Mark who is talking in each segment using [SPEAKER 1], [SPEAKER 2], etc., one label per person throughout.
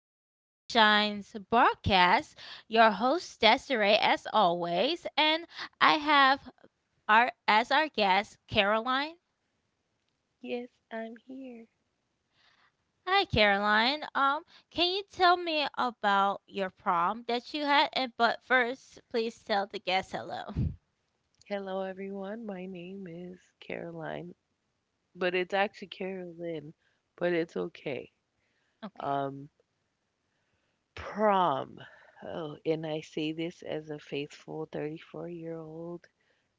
[SPEAKER 1] to Sunshine's broadcast. Your host, Desiree, as always. And I have our guest, Caroline.
[SPEAKER 2] Yes, I'm here.
[SPEAKER 1] Hi, Caroline. Can you tell me about your prom that you had? And but first, please tell the guest hello.
[SPEAKER 2] Hello, everyone. My name is Caroline, but it's actually Carolyn, but it's okay.
[SPEAKER 1] Okay.
[SPEAKER 2] Um, Prom. Oh, and I say this as a faithful 34-year-old.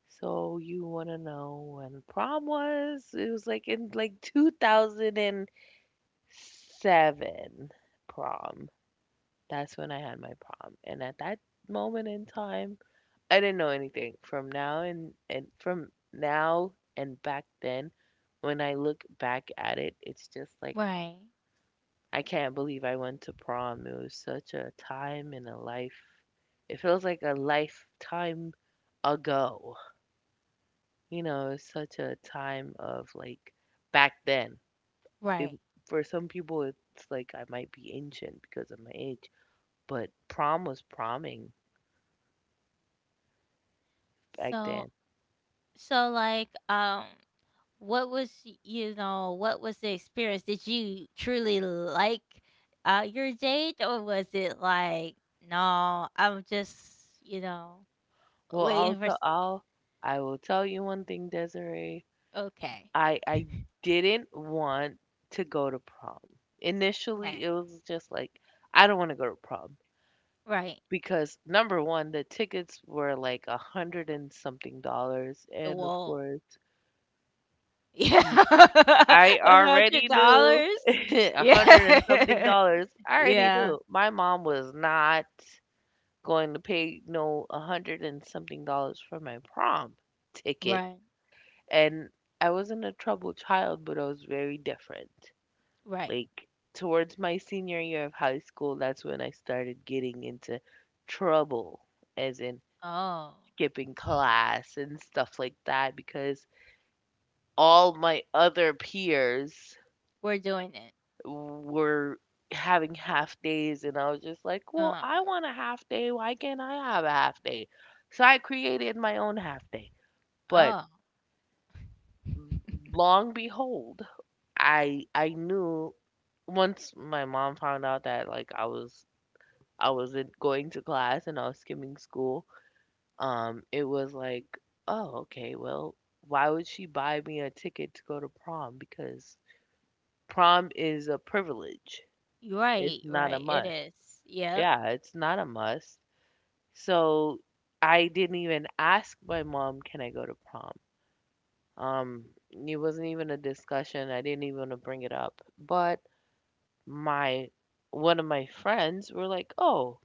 [SPEAKER 2] So you want to know when prom was? It was like in like 2007 prom. That's when I had my prom. And at that moment in time, I didn't know anything from now and from now and back then. When I look back at it, it's just like
[SPEAKER 1] Right.
[SPEAKER 2] I can't believe I went to prom. It was such a time in a life. It feels like a lifetime ago. You know, it's such a time of like back then. It,
[SPEAKER 1] Right.
[SPEAKER 2] for some people, it's like I might be ancient because of my age, but prom was proming back
[SPEAKER 1] So
[SPEAKER 2] then.
[SPEAKER 1] so like, what was the experience? Did you truly like, your date, or was it like, "No, I'm just, you know,
[SPEAKER 2] Well,
[SPEAKER 1] waiting for s"
[SPEAKER 2] I will tell you one thing, Desiree.
[SPEAKER 1] Okay,
[SPEAKER 2] I didn't want to go to prom. Initially,
[SPEAKER 1] right,
[SPEAKER 2] it was just like I don't want to go to prom
[SPEAKER 1] right.
[SPEAKER 2] because number one, the tickets were like a hundred and something dollars,
[SPEAKER 1] The
[SPEAKER 2] and of
[SPEAKER 1] wall.
[SPEAKER 2] course,
[SPEAKER 1] Yeah.
[SPEAKER 2] m- I already knew
[SPEAKER 1] $100?
[SPEAKER 2] a hundred and something
[SPEAKER 1] Yeah.
[SPEAKER 2] dollars. I already
[SPEAKER 1] Yeah.
[SPEAKER 2] knew my mom was not going to pay no a hundred and something dollars for my prom ticket.
[SPEAKER 1] Right,
[SPEAKER 2] And I wasn't a troubled child, but I was very different.
[SPEAKER 1] right.
[SPEAKER 2] Like towards my senior year of high school, that's when I started getting into trouble, as in
[SPEAKER 1] Oh,
[SPEAKER 2] skipping class and stuff like that, because all my other peers
[SPEAKER 1] we're doing it.
[SPEAKER 2] were having half days, and I was just like, well,
[SPEAKER 1] Um,
[SPEAKER 2] I want a half day. Why can't I have a half day? So I created my own half day. But
[SPEAKER 1] oh.
[SPEAKER 2] long behold, I knew once my mom found out that, like, I wasn't going to class and I was skimming school, it was like, "Oh, okay, well, why would she buy me a ticket to go to prom?" Because prom is a privilege.
[SPEAKER 1] Right,
[SPEAKER 2] It's not a
[SPEAKER 1] right, it
[SPEAKER 2] must.
[SPEAKER 1] is. Yep.
[SPEAKER 2] Yeah, it's not a must. So I didn't even ask my mom, "Can I go to prom?" It wasn't even a discussion. I didn't even wanna bring it up. But my one of my friends were like, "Oh,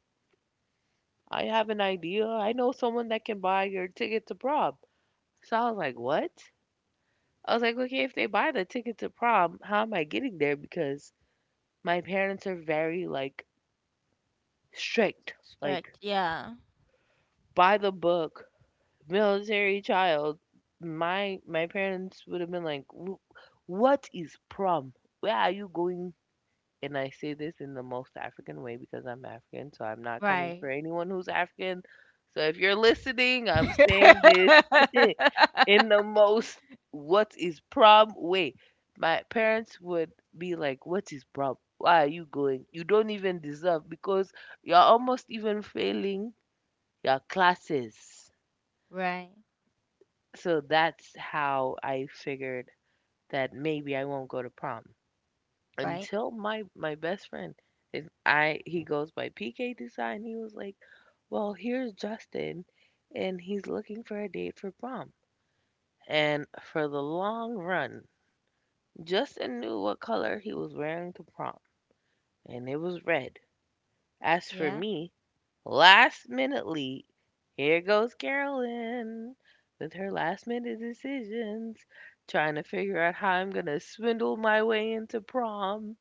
[SPEAKER 2] I have an idea. I know someone that can buy your ticket to prom." So I was like, what? I was like, okay, if they buy the ticket to prom, how am I getting there? Because my parents are very like strict, like
[SPEAKER 1] Correct, yeah.
[SPEAKER 2] by the book, military child. My parents would have been like, What is prom? Where are you going?" And I say this in the most African way because I'm African, so I'm not coming
[SPEAKER 1] Right.
[SPEAKER 2] for anyone who's African. So if you're listening, I'm saying this in the most "what is prom" way. My parents would be like, "What is prom? Why are you going? You don't even deserve because you're almost even failing your classes."
[SPEAKER 1] Right,
[SPEAKER 2] So that's how I figured that maybe I won't go to prom,
[SPEAKER 1] right.
[SPEAKER 2] until my best friend is, I he goes by PK Design. He was like, "Well, here's Justin, and he's looking for a date for prom." And for the long run, Justin knew what color he was wearing to prom, and it was red. As for
[SPEAKER 1] Yeah.
[SPEAKER 2] me, last minutely, here goes Carolyn with her last minute decisions, trying to figure out how I'm gonna swindle my way into prom.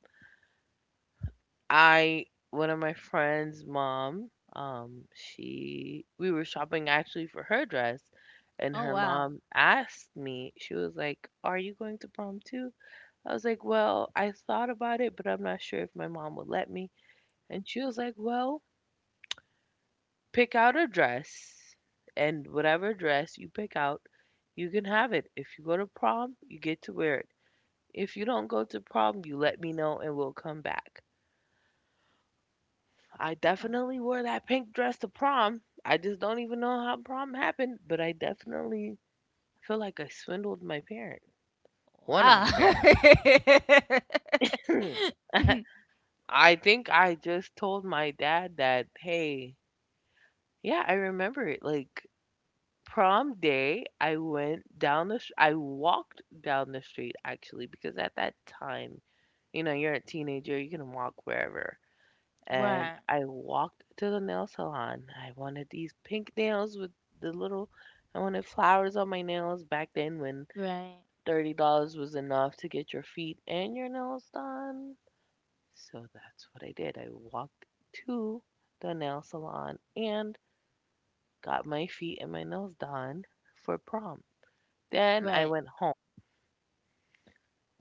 [SPEAKER 2] I One of my friend's mom, she we were shopping actually for her dress, and
[SPEAKER 1] Oh,
[SPEAKER 2] her
[SPEAKER 1] wow.
[SPEAKER 2] mom asked me, she was like, "Are you going to prom too?" I was like, "Well, I thought about it, but I'm not sure if my mom would let me." And she was like, "Well, pick out a dress, and whatever dress you pick out, you can have it. If you go to prom, you get to wear it. If you don't go to prom, you let me know and we'll come back." I
[SPEAKER 1] Oh,
[SPEAKER 2] definitely wore that pink dress to prom. I just don't even know how prom happened, but I definitely feel like I swindled my parent, one of my
[SPEAKER 1] wow.
[SPEAKER 2] parents. I think I just told my dad that, hey, yeah, I remember it. Like prom day, I went down the, I walked down the street actually because at that time, you know, you're a teenager, you can walk wherever. And
[SPEAKER 1] Right,
[SPEAKER 2] I walked to the nail salon. I wanted these pink nails with the little, I wanted flowers on my nails back then when
[SPEAKER 1] right,
[SPEAKER 2] $30 was enough to get your feet and your nails done. So that's what I did. I walked to the nail salon and got my feet and my nails done for prom. Then I
[SPEAKER 1] right,
[SPEAKER 2] went home.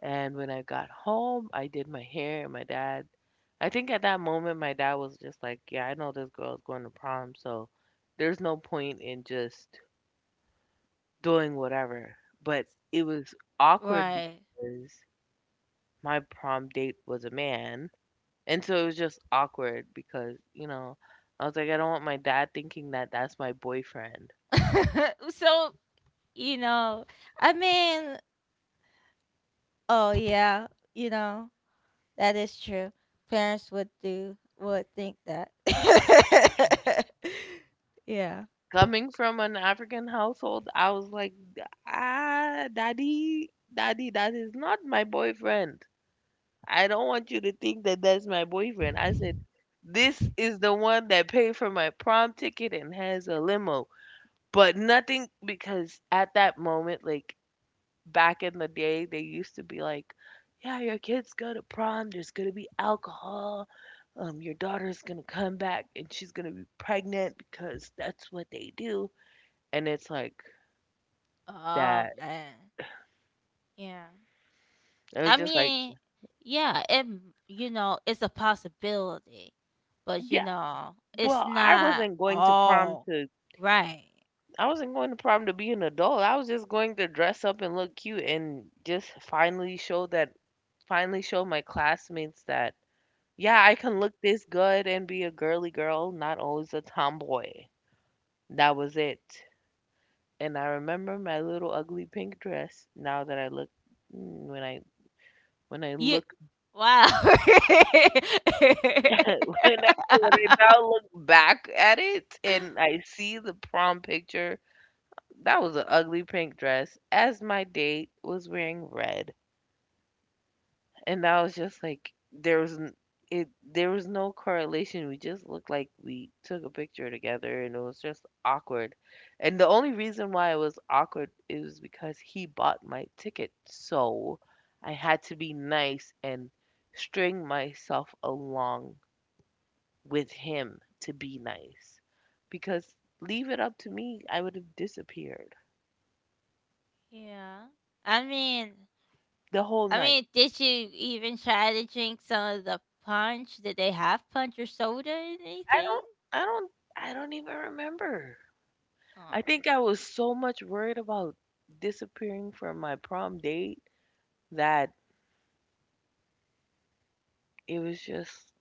[SPEAKER 2] And when I got home, I did my hair, and my dad I think at that moment my dad was just like, "Yeah, I know this girl's going to prom, so there's no point in just doing whatever." But it was awkward
[SPEAKER 1] right.
[SPEAKER 2] because my prom date was a man, and so it was just awkward because, you know, I was like, I don't want my dad thinking that that's my boyfriend.
[SPEAKER 1] So, you know, I mean, oh, yeah, you know, that is true. Parents would do, would think that. Yeah.
[SPEAKER 2] Coming from an African household, I was like, "Ah, daddy, daddy, that is not my boyfriend. I don't want you to think that that's my boyfriend." I said, this is the one that paid for my prom ticket and has a limo. But nothing, because at that moment, like back in the day, they used to be like, yeah, your kids go to prom. There's gonna be alcohol. Your daughter's gonna come back and she's gonna be pregnant because that's what they do. And it's like
[SPEAKER 1] Oh,
[SPEAKER 2] that.
[SPEAKER 1] man. Yeah.
[SPEAKER 2] It was
[SPEAKER 1] I
[SPEAKER 2] just like,
[SPEAKER 1] mean, yeah, it's a possibility, but
[SPEAKER 2] yeah.
[SPEAKER 1] it's
[SPEAKER 2] Well,
[SPEAKER 1] not all. Right.
[SPEAKER 2] I wasn't going to prom to be an adult. I was just going to dress up and look cute and just finally show my classmates that yeah, I can look this good and be a girly girl, not always a tomboy. That was it. And I remember my little ugly pink dress. Now that I mm, when I when I
[SPEAKER 1] You
[SPEAKER 2] look
[SPEAKER 1] Wow.
[SPEAKER 2] when I now look back at it and I see the prom picture, that was an ugly pink dress as my date was wearing red. And I was just like, there was no correlation. We just looked like we took a picture together, and it was just awkward. And the only reason why it was awkward is because he bought my ticket, so I had to be nice and string myself along with him to be nice. Because leave it up to me, I would have disappeared
[SPEAKER 1] Yeah. I mean,
[SPEAKER 2] the whole
[SPEAKER 1] I
[SPEAKER 2] night.
[SPEAKER 1] mean, did you even try to drink some of the punch? Did they have punch or soda or
[SPEAKER 2] I
[SPEAKER 1] anything?
[SPEAKER 2] don't, I don't, I don't even remember.
[SPEAKER 1] Oh.
[SPEAKER 2] I think I was so much worried about disappearing from my prom date that it was just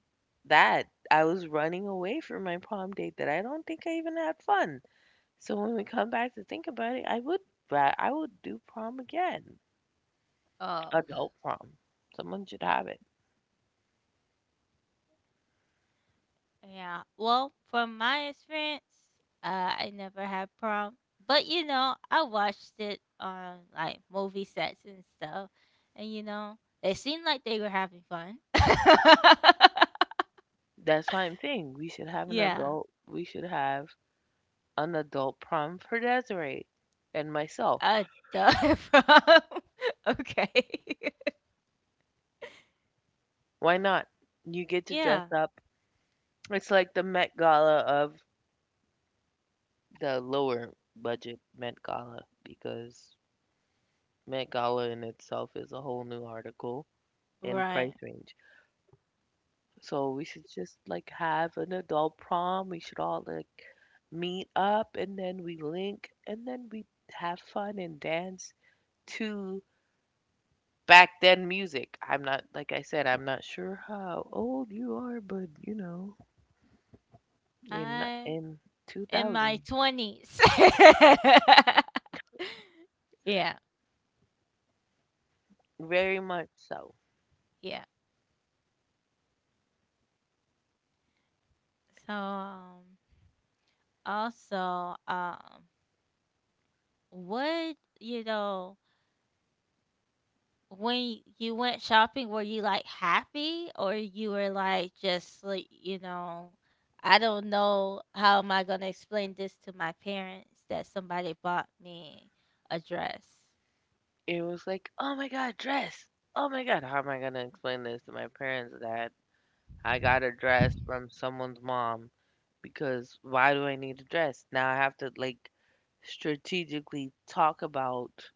[SPEAKER 2] that I was running away from my prom date that I don't think I even had fun. So when we come back to think about it, I would I would do prom again.
[SPEAKER 1] Oh.
[SPEAKER 2] Adult prom. Someone should have it.
[SPEAKER 1] Yeah. Well, from my experience, I never had prom, but I watched it on like movie sets and stuff, and it seemed like they were having fun.
[SPEAKER 2] That's why I'm saying
[SPEAKER 1] Yeah.
[SPEAKER 2] we should have an adult prom for Desiree and myself.
[SPEAKER 1] I duh prom. Okay.
[SPEAKER 2] Why not? You get to
[SPEAKER 1] Yeah.
[SPEAKER 2] dress up. It's like the Met Gala of the lower budget Met Gala, because Met Gala in itself is a whole new article in
[SPEAKER 1] Right.
[SPEAKER 2] price range. So we should just like have an adult prom. We should all like meet up and then we link and then we have fun and dance to back then music. I'm not like I said, I'm not sure how old you are, but you know, in
[SPEAKER 1] I
[SPEAKER 2] in
[SPEAKER 1] In my
[SPEAKER 2] 2000,
[SPEAKER 1] twenties. Yeah.
[SPEAKER 2] very much so.
[SPEAKER 1] Yeah. So also. What, when you went shopping, were you like happy, or you were like just like, I don't know how am I gonna explain this to my parents that somebody bought me a dress?
[SPEAKER 2] It was like, "Oh my god, dress! Oh my god, how am I gonna explain this to my parents that I got a dress from someone's mom? Because why do I need a dress?" Now I have to like strategically talk about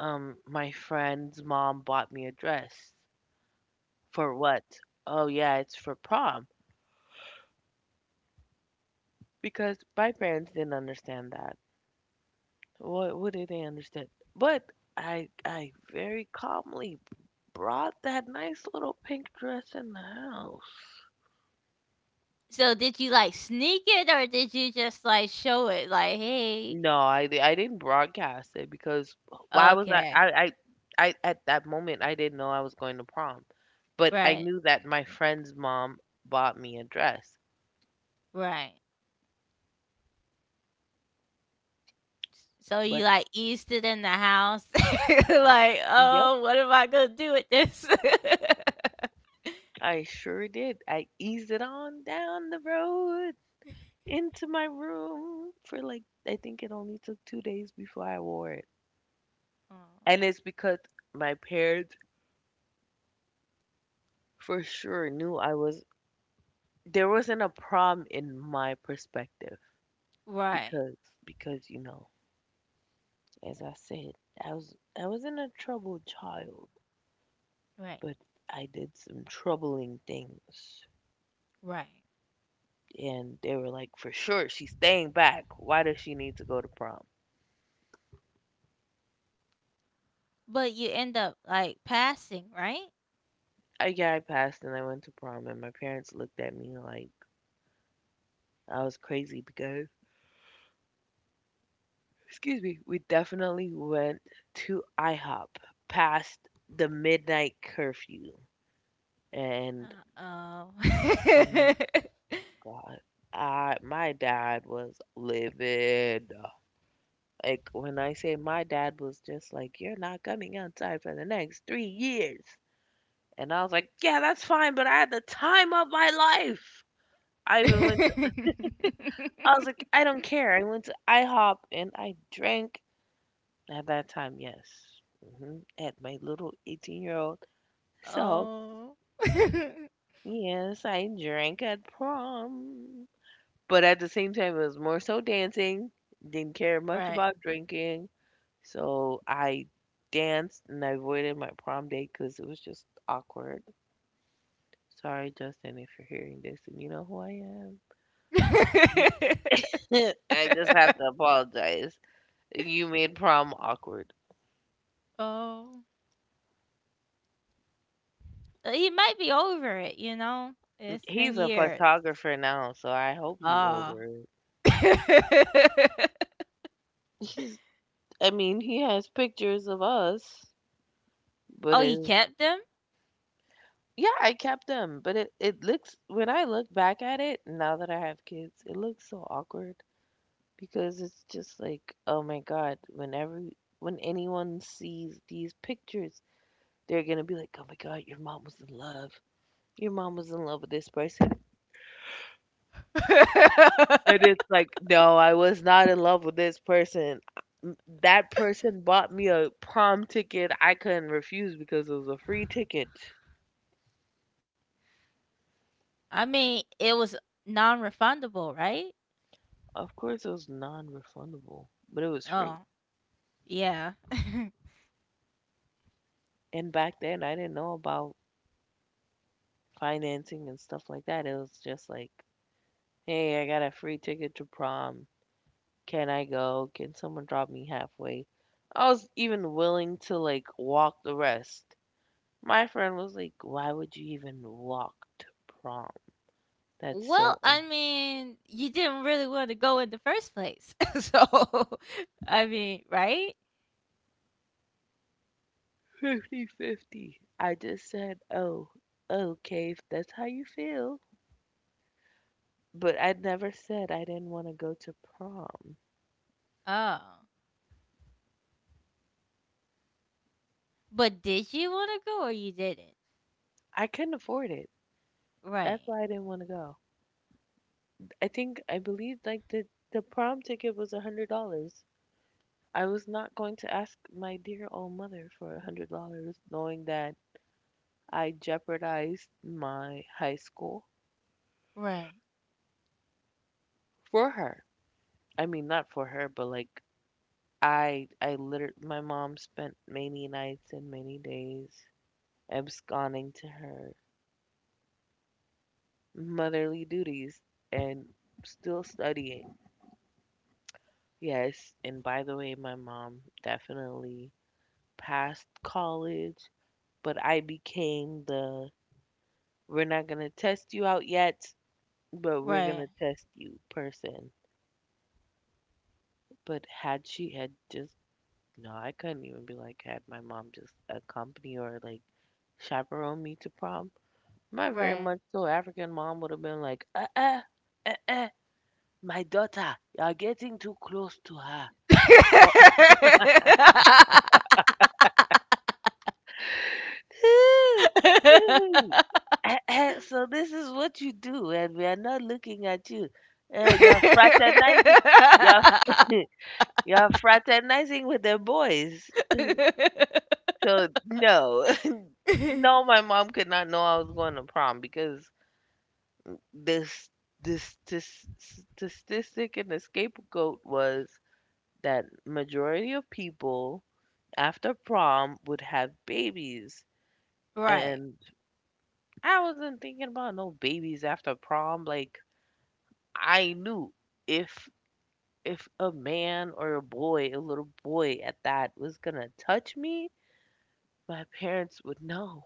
[SPEAKER 2] my friend's mom bought me a dress. For what? Oh yeah, it's for prom. Because my parents didn't understand that. What did they understand? But I very calmly brought that nice little pink dress in the house.
[SPEAKER 1] So did you like sneak it, or did you just like show it like, hey,
[SPEAKER 2] No, I didn't broadcast it because why was
[SPEAKER 1] okay,
[SPEAKER 2] I at that moment I didn't know I was going to prom, but I
[SPEAKER 1] right,
[SPEAKER 2] knew that my friend's mom bought me a dress.
[SPEAKER 1] right. So you,
[SPEAKER 2] But
[SPEAKER 1] like, eased it in the house?
[SPEAKER 2] I,
[SPEAKER 1] Like,
[SPEAKER 2] yep,
[SPEAKER 1] "Oh, what am I gonna do with this?"
[SPEAKER 2] I sure did. I eased it on down the road into my room for like I think it only took 2 days before I wore it,
[SPEAKER 1] Aw.
[SPEAKER 2] and it's because my parents for sure knew I was. There wasn't a prom in my perspective
[SPEAKER 1] Right.
[SPEAKER 2] because you know, as I said, I was I wasn't a troubled child,
[SPEAKER 1] Right.
[SPEAKER 2] but I did some troubling things.
[SPEAKER 1] Right.
[SPEAKER 2] And they were like, for sure, she's staying back. Why does she need to go to prom?
[SPEAKER 1] But you end up, like, passing, right?
[SPEAKER 2] I yeah, I passed and I went to prom, and my parents looked at me like I was crazy because, excuse me, we definitely went to IHOP past the midnight curfew, and
[SPEAKER 1] Uh-oh.
[SPEAKER 2] mm, God, I my dad was livid. Like when I say my dad was just like, "You're not coming outside for the next 3 years," and I was like, "Yeah, that's fine," but I had the time of my life. I even went. I was like, "I don't care." I went to IHOP and I drank at that time. Yes, at my little 18-year-old. So
[SPEAKER 1] Oh. Oh.
[SPEAKER 2] yes, I drank at prom, but at the same time, it was more so dancing. Didn't care much
[SPEAKER 1] Right.
[SPEAKER 2] about drinking. So I danced and I avoided my prom date because it was just awkward. Sorry, Justin, if you're hearing this and you know who I am. You- I just have to apologize. You made prom awkward.
[SPEAKER 1] Oh. He might be over it, you know? It's been
[SPEAKER 2] He's a
[SPEAKER 1] years.
[SPEAKER 2] photographer now, so I hope he's
[SPEAKER 1] Oh.
[SPEAKER 2] over it. He's, I mean, he has pictures of us, but
[SPEAKER 1] Oh, you kept them?
[SPEAKER 2] yeah, I kept them. But it looks, when I look back at it, now that I have kids, it looks so awkward, because it's just like, oh my God, when anyone sees these pictures, they're gonna be like, oh my God, your mom was in love. Your mom was in love with this person. And it's like, no, I was not in love with this person. M- That person bought me a prom ticket I couldn't refuse because it was a free ticket.
[SPEAKER 1] I mean, it was non-refundable, right?
[SPEAKER 2] Of course, it was non-refundable, but it was free.
[SPEAKER 1] Oh, yeah.
[SPEAKER 2] And back then, I didn't know about financing and stuff like that. It was just like, hey, I got a free ticket to prom. Can I go? Can someone drop me halfway? I was even willing to like walk the rest. My friend was like, "Why would you even walk to prom? That's
[SPEAKER 1] Well,
[SPEAKER 2] so un—"
[SPEAKER 1] I mean, you didn't really want to go in the first place. So, I mean, right?
[SPEAKER 2] 50 50. I just said, "Oh, okay, if that's how you feel." But I never said I didn't want to go to prom.
[SPEAKER 1] Oh. But did you want to go, or you didn't?
[SPEAKER 2] I couldn't afford it.
[SPEAKER 1] Right.
[SPEAKER 2] That's why I didn't want to go. I think I believe like the prom ticket was $100. I was not going to ask my dear old mother for $100, knowing that I jeopardized my high school
[SPEAKER 1] Right.
[SPEAKER 2] for her. I mean, not for her, but like I literally, my mom spent many nights and many days absconding to her motherly duties and still studying. Yes, and by the way, my mom definitely passed college, but I became the "we're not gonna test you out yet, but we're
[SPEAKER 1] Right.
[SPEAKER 2] gonna test you" person. But had she had just no, I couldn't even be like had my mom just accompany or like chaperone me to prom. My very
[SPEAKER 1] Right.
[SPEAKER 2] much so African mom would have been like, "Uh uh uh, my daughter, you're getting too close to her. Well, eh, eh, so this is what you do, and we are not looking at you. You're fraternizing. You're you're fraternizing with the boys." So no, no, my mom could not know I was going to prom because this this statistic and the scapegoat was that majority of people after prom would have babies,
[SPEAKER 1] Right,
[SPEAKER 2] and I wasn't thinking about no babies after prom. Like I knew if if a man or a boy, a little boy at that, was gonna touch me, my parents would know.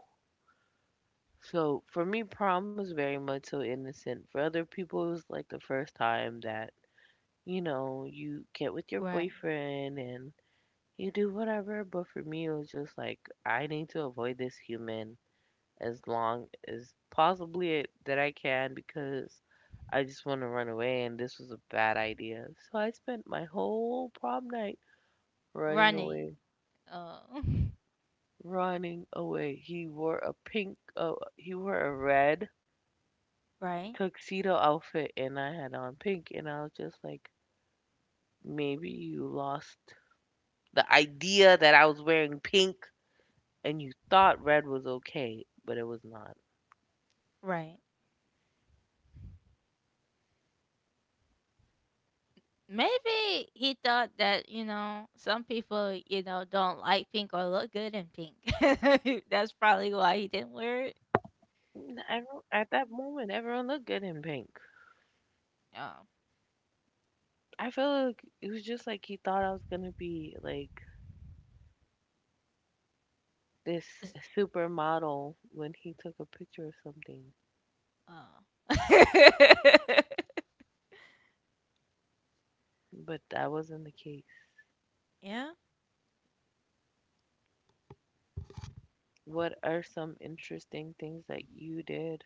[SPEAKER 2] So for me, prom was very much so innocent. For other people, it was like the first time that, you know, you get with your
[SPEAKER 1] right.
[SPEAKER 2] boyfriend and you do whatever. But for me, it was just like, I need to avoid this human as long as possibly it, that I can because I just want to run away and this was a bad idea. So I spent my whole prom night running
[SPEAKER 1] Running.
[SPEAKER 2] away,
[SPEAKER 1] Uh,
[SPEAKER 2] running away. He wore a pink, he wore a red
[SPEAKER 1] right,
[SPEAKER 2] tuxedo outfit and I had on pink, and I was just like, maybe you lost the idea that I was wearing pink and you thought red was okay, but it was not.
[SPEAKER 1] right. Maybe he thought that, some people, don't like pink or look good in pink. That's probably why he didn't wear it.
[SPEAKER 2] I don't, at that moment, everyone looked good in pink.
[SPEAKER 1] Um,
[SPEAKER 2] I feel like it was just like he thought I was gonna be like this supermodel when he took a picture of something,
[SPEAKER 1] uh.
[SPEAKER 2] but that wasn't the case.
[SPEAKER 1] Yeah.
[SPEAKER 2] What are some interesting things that you did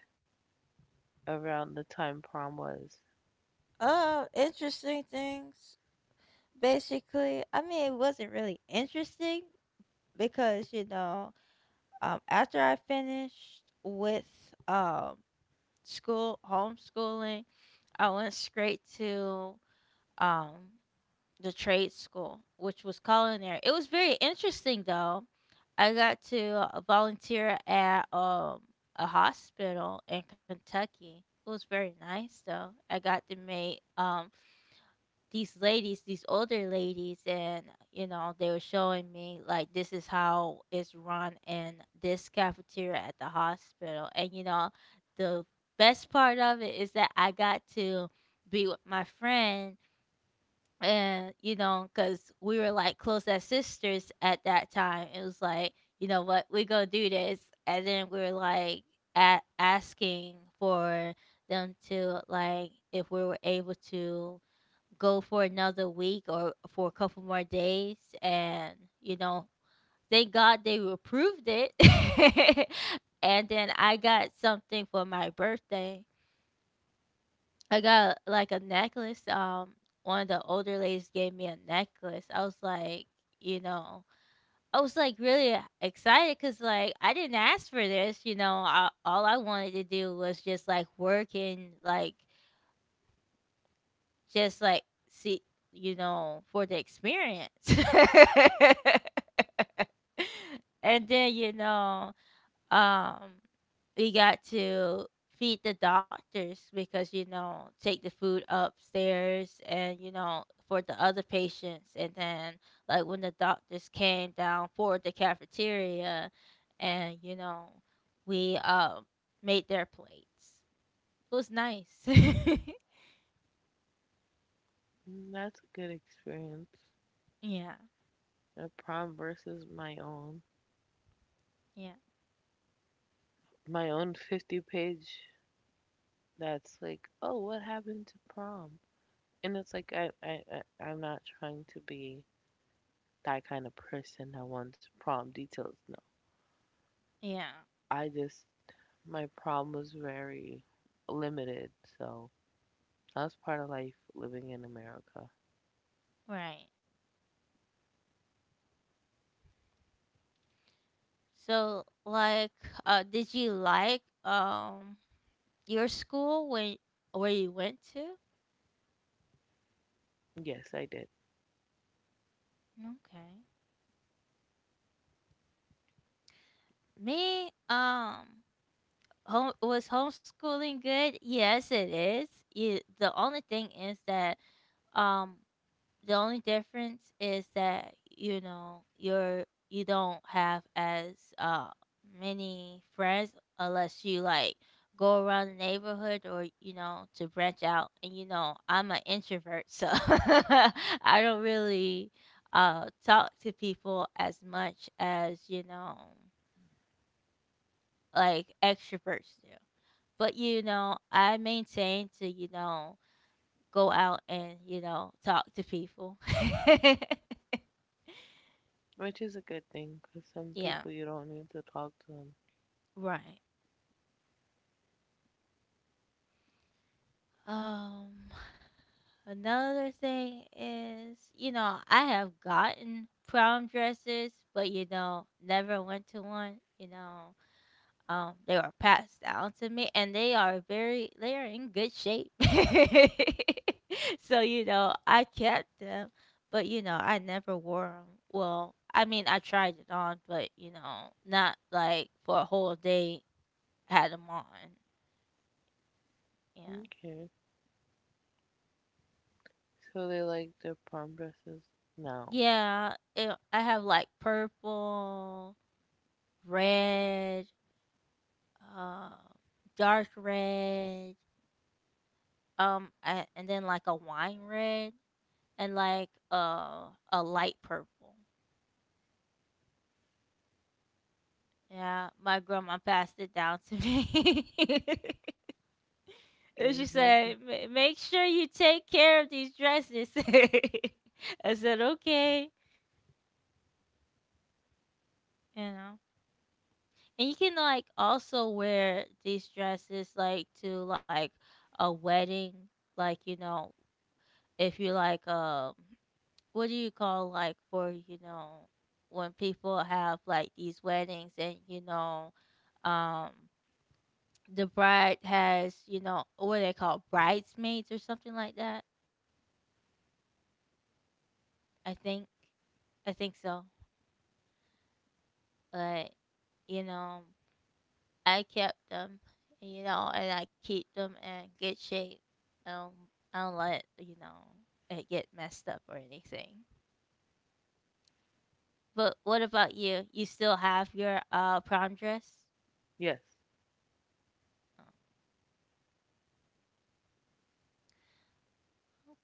[SPEAKER 2] around the time prom was?
[SPEAKER 1] Interesting things. Basically, I mean, it wasn't really interesting because after I finished with um school homeschooling, I went straight to um the trade school, which was culinary. It was very interesting though. I got to volunteer at a hospital in Kentucky. It was very nice though. I got to make these ladies, these older ladies, and they were showing me like this is how it's run in this cafeteria at the hospital. And the best part of it is that I got to be with my friend, and because we were like close as sisters at that time. It was like, you know what, we gonna do this, and then we were like asking for them to like if we were able to go for another week or for a couple more days, and you know thank God they approved it. And then I got something for my birthday. I got like a necklace. One of the older ladies gave me a necklace. I was like you know i was like really excited because like I didn't ask for this. All I wanted to do was just like work and like just like see, for the experience. And then, um, we got to feed the doctors because, take the food upstairs, and, for the other patients. And then, like, when the doctors came down for the cafeteria, and, we made their plates. It was nice.
[SPEAKER 2] Mm, that's a good experience.
[SPEAKER 1] Yeah.
[SPEAKER 2] A prom versus my own.
[SPEAKER 1] Yeah.
[SPEAKER 2] My own 50-page that's like, oh, what happened to prom? And it's like, I'm not trying to be that kind of person that wants prom details. No.
[SPEAKER 1] Yeah.
[SPEAKER 2] I just, my prom was very limited. So that's part of life living in America.
[SPEAKER 1] Right. So like did you like your school when where you went to?
[SPEAKER 2] Yes, I did.
[SPEAKER 1] Okay. Me home was homeschooling good? Yes, it is. The only thing is that um the only difference is that, you don't have as many friends unless you like go around the neighborhood or to branch out, and I'm an introvert, so I don't really talk to people as much as like extroverts do, but I maintain to go out and talk to people.
[SPEAKER 2] Which is a good thing because some
[SPEAKER 1] Yeah.
[SPEAKER 2] people you don't need to talk to them.
[SPEAKER 1] Right. Um Another thing is, I have gotten prom dresses, but never went to one. They were passed down to me, and they are in good shape. So, I kept them, but I never wore them. Well, I mean, I tried it on, but not like for a whole day had them on. Yeah.
[SPEAKER 2] Okay. So they like their prom dresses? No.
[SPEAKER 1] Yeah, I have like purple, red, um, dark red, and then like a wine red, and like a light purple. Yeah, my grandma passed it down to me. And
[SPEAKER 2] Is
[SPEAKER 1] she
[SPEAKER 2] nothing.
[SPEAKER 1] said, Make sure you take care of these dresses." I said, "Okay," you know. And you can like also wear these dresses like to like a wedding, like if you like what do you call like for, when people have like these weddings, and um the bride has, what they call bridesmaids or something like that. I think I think so. But you know I kept them, and I keep them in good shape. I don't, I don't let you know it get messed up or anything. But what about you? You still have your prom dress?
[SPEAKER 2] Yes.
[SPEAKER 1] Oh,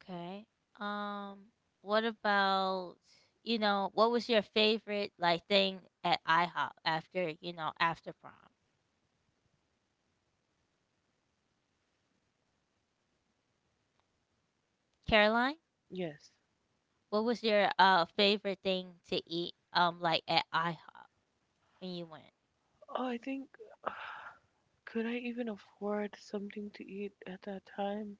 [SPEAKER 1] okay. Um, what about what was your favorite like thing at IHOP after after prom? Caroline,
[SPEAKER 2] Yes.
[SPEAKER 1] what was your favorite thing to eat like at IHOP when you went?
[SPEAKER 2] Oh, I think could I even afford something to eat at that time?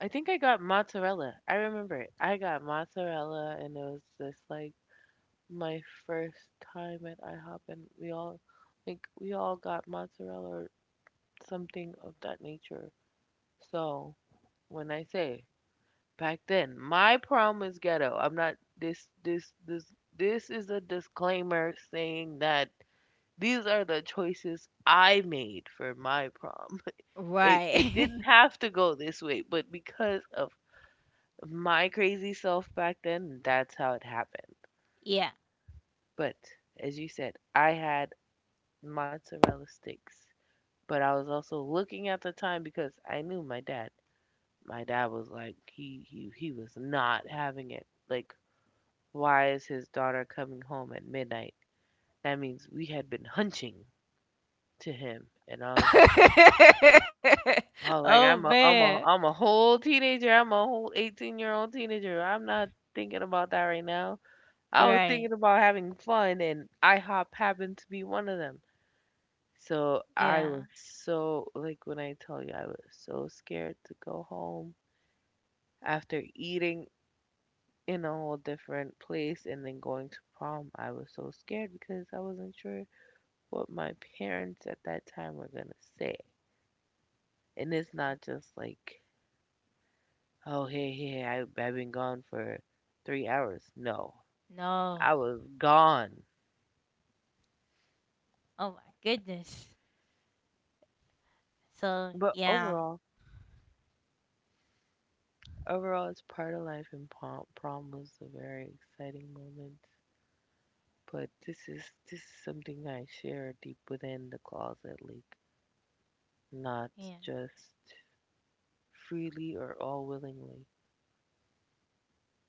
[SPEAKER 2] I think I got mozzarella. I remember it. I got mozzarella, and it was just like my first time at IHOP, and we all like we all got mozzarella or something of that nature. So when I say back then, my prom was ghetto. I'm not this is a disclaimer saying that these are the choices I made for my prom. It
[SPEAKER 1] Right.
[SPEAKER 2] didn't have to go this way, but because of my crazy self back then, that's how it happened.
[SPEAKER 1] Yeah.
[SPEAKER 2] But as you said, I had mozzarella sticks, but I was also looking at the time because I knew my dad. My dad was like he was not having it. Like why is his daughter coming home at midnight? That means we had been hunching to him, and I was just like, oh, like
[SPEAKER 1] Oh
[SPEAKER 2] I'm a I'm
[SPEAKER 1] man.
[SPEAKER 2] a I'm a whole teenager. I'm a whole 18-year-old teenager. I'm not thinking about that right now. I was
[SPEAKER 1] Right.
[SPEAKER 2] thinking about having fun, and IHOP happened to be one of them. So
[SPEAKER 1] Yeah.
[SPEAKER 2] I was so like when I tell you I was so scared to go home after eating in a whole different place and then going to prom. I was so scared because I wasn't sure what my parents at that time were gonna say. And it's
[SPEAKER 1] Oh,
[SPEAKER 2] not just like, oh, hey, I've been gone for 3 hours. No, I
[SPEAKER 1] no.
[SPEAKER 2] was gone.
[SPEAKER 1] Oh my goodness. So
[SPEAKER 2] But
[SPEAKER 1] yeah.
[SPEAKER 2] overall, overall, it's part of life, and prom was a very exciting moment. But this is something I share deep within the closet, like not
[SPEAKER 1] Yeah.
[SPEAKER 2] just freely or all willingly.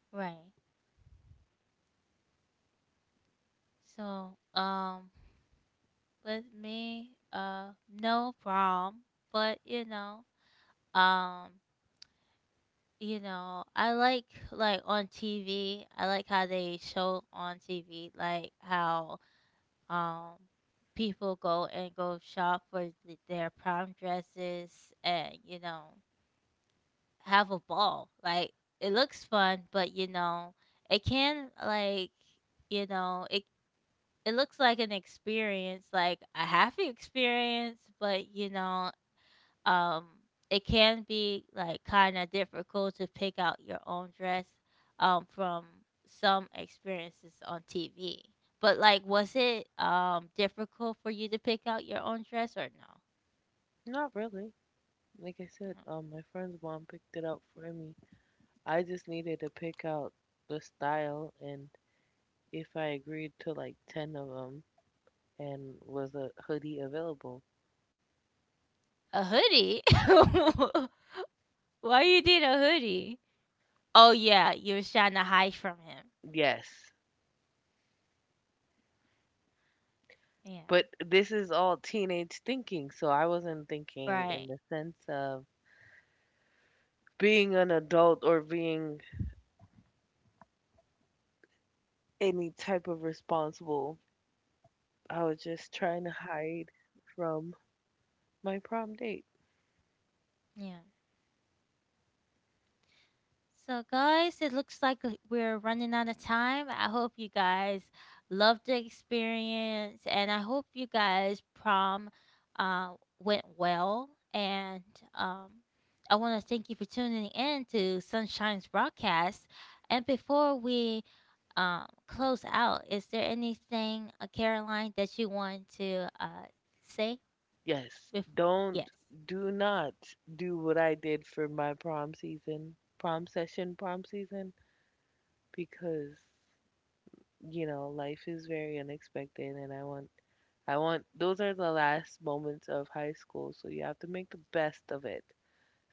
[SPEAKER 1] Right. So with me, no problem. But um, I like on TV, I like how they show on TV like how. Um, People go and go shop for their prom dresses, and, have a ball. Like, it looks fun, but, it can, like, you know, it, it looks like an experience, like a happy experience, but, um it can be like kind of difficult to pick out your own dress from some experiences on TV. But like was it difficult for you to pick out your own dress or no?
[SPEAKER 2] Not really. Like I said,
[SPEAKER 1] No.
[SPEAKER 2] my friend's mom picked it out for me. I just needed to pick out the style, and if I agreed to like ten of 'em. And was a hoodie available?
[SPEAKER 1] A hoodie? Why you did a hoodie? Oh yeah, you was trying to hide from him.
[SPEAKER 2] Yes.
[SPEAKER 1] Yeah.
[SPEAKER 2] But this is all teenage thinking, so I wasn't thinking in
[SPEAKER 1] Right.
[SPEAKER 2] the sense of being an adult or being any type of responsible. I was just trying to hide from my prom date.
[SPEAKER 1] Yeah. So, guys, it looks like we're running out of time. I hope you guys loved the experience, and I hope you guys prom went well. And um, I want to thank you for tuning in to Sunshine's broadcast. And before we close out, is there anything, Caroline, that you want to say?
[SPEAKER 2] Yes,
[SPEAKER 1] Bef-
[SPEAKER 2] don't,
[SPEAKER 1] yes.
[SPEAKER 2] do not do what I did for my prom season, because, you know, life is very unexpected and I want those are the last moments of high school, so you have to make the best of it.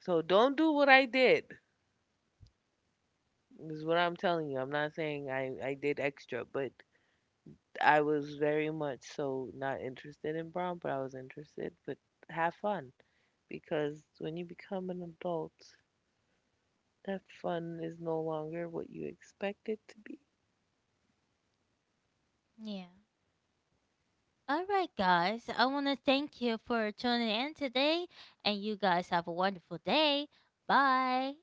[SPEAKER 2] So don't do what I did. Is what I'm telling you. I'm not saying I did extra, but I was very much so not interested in prom, but I was interested. But have fun because when you become an adult, that fun is no longer what you expect it to be.
[SPEAKER 1] Yeah. All right, guys. I want to thank you for tuning in today, and you guys have a wonderful day. Bye.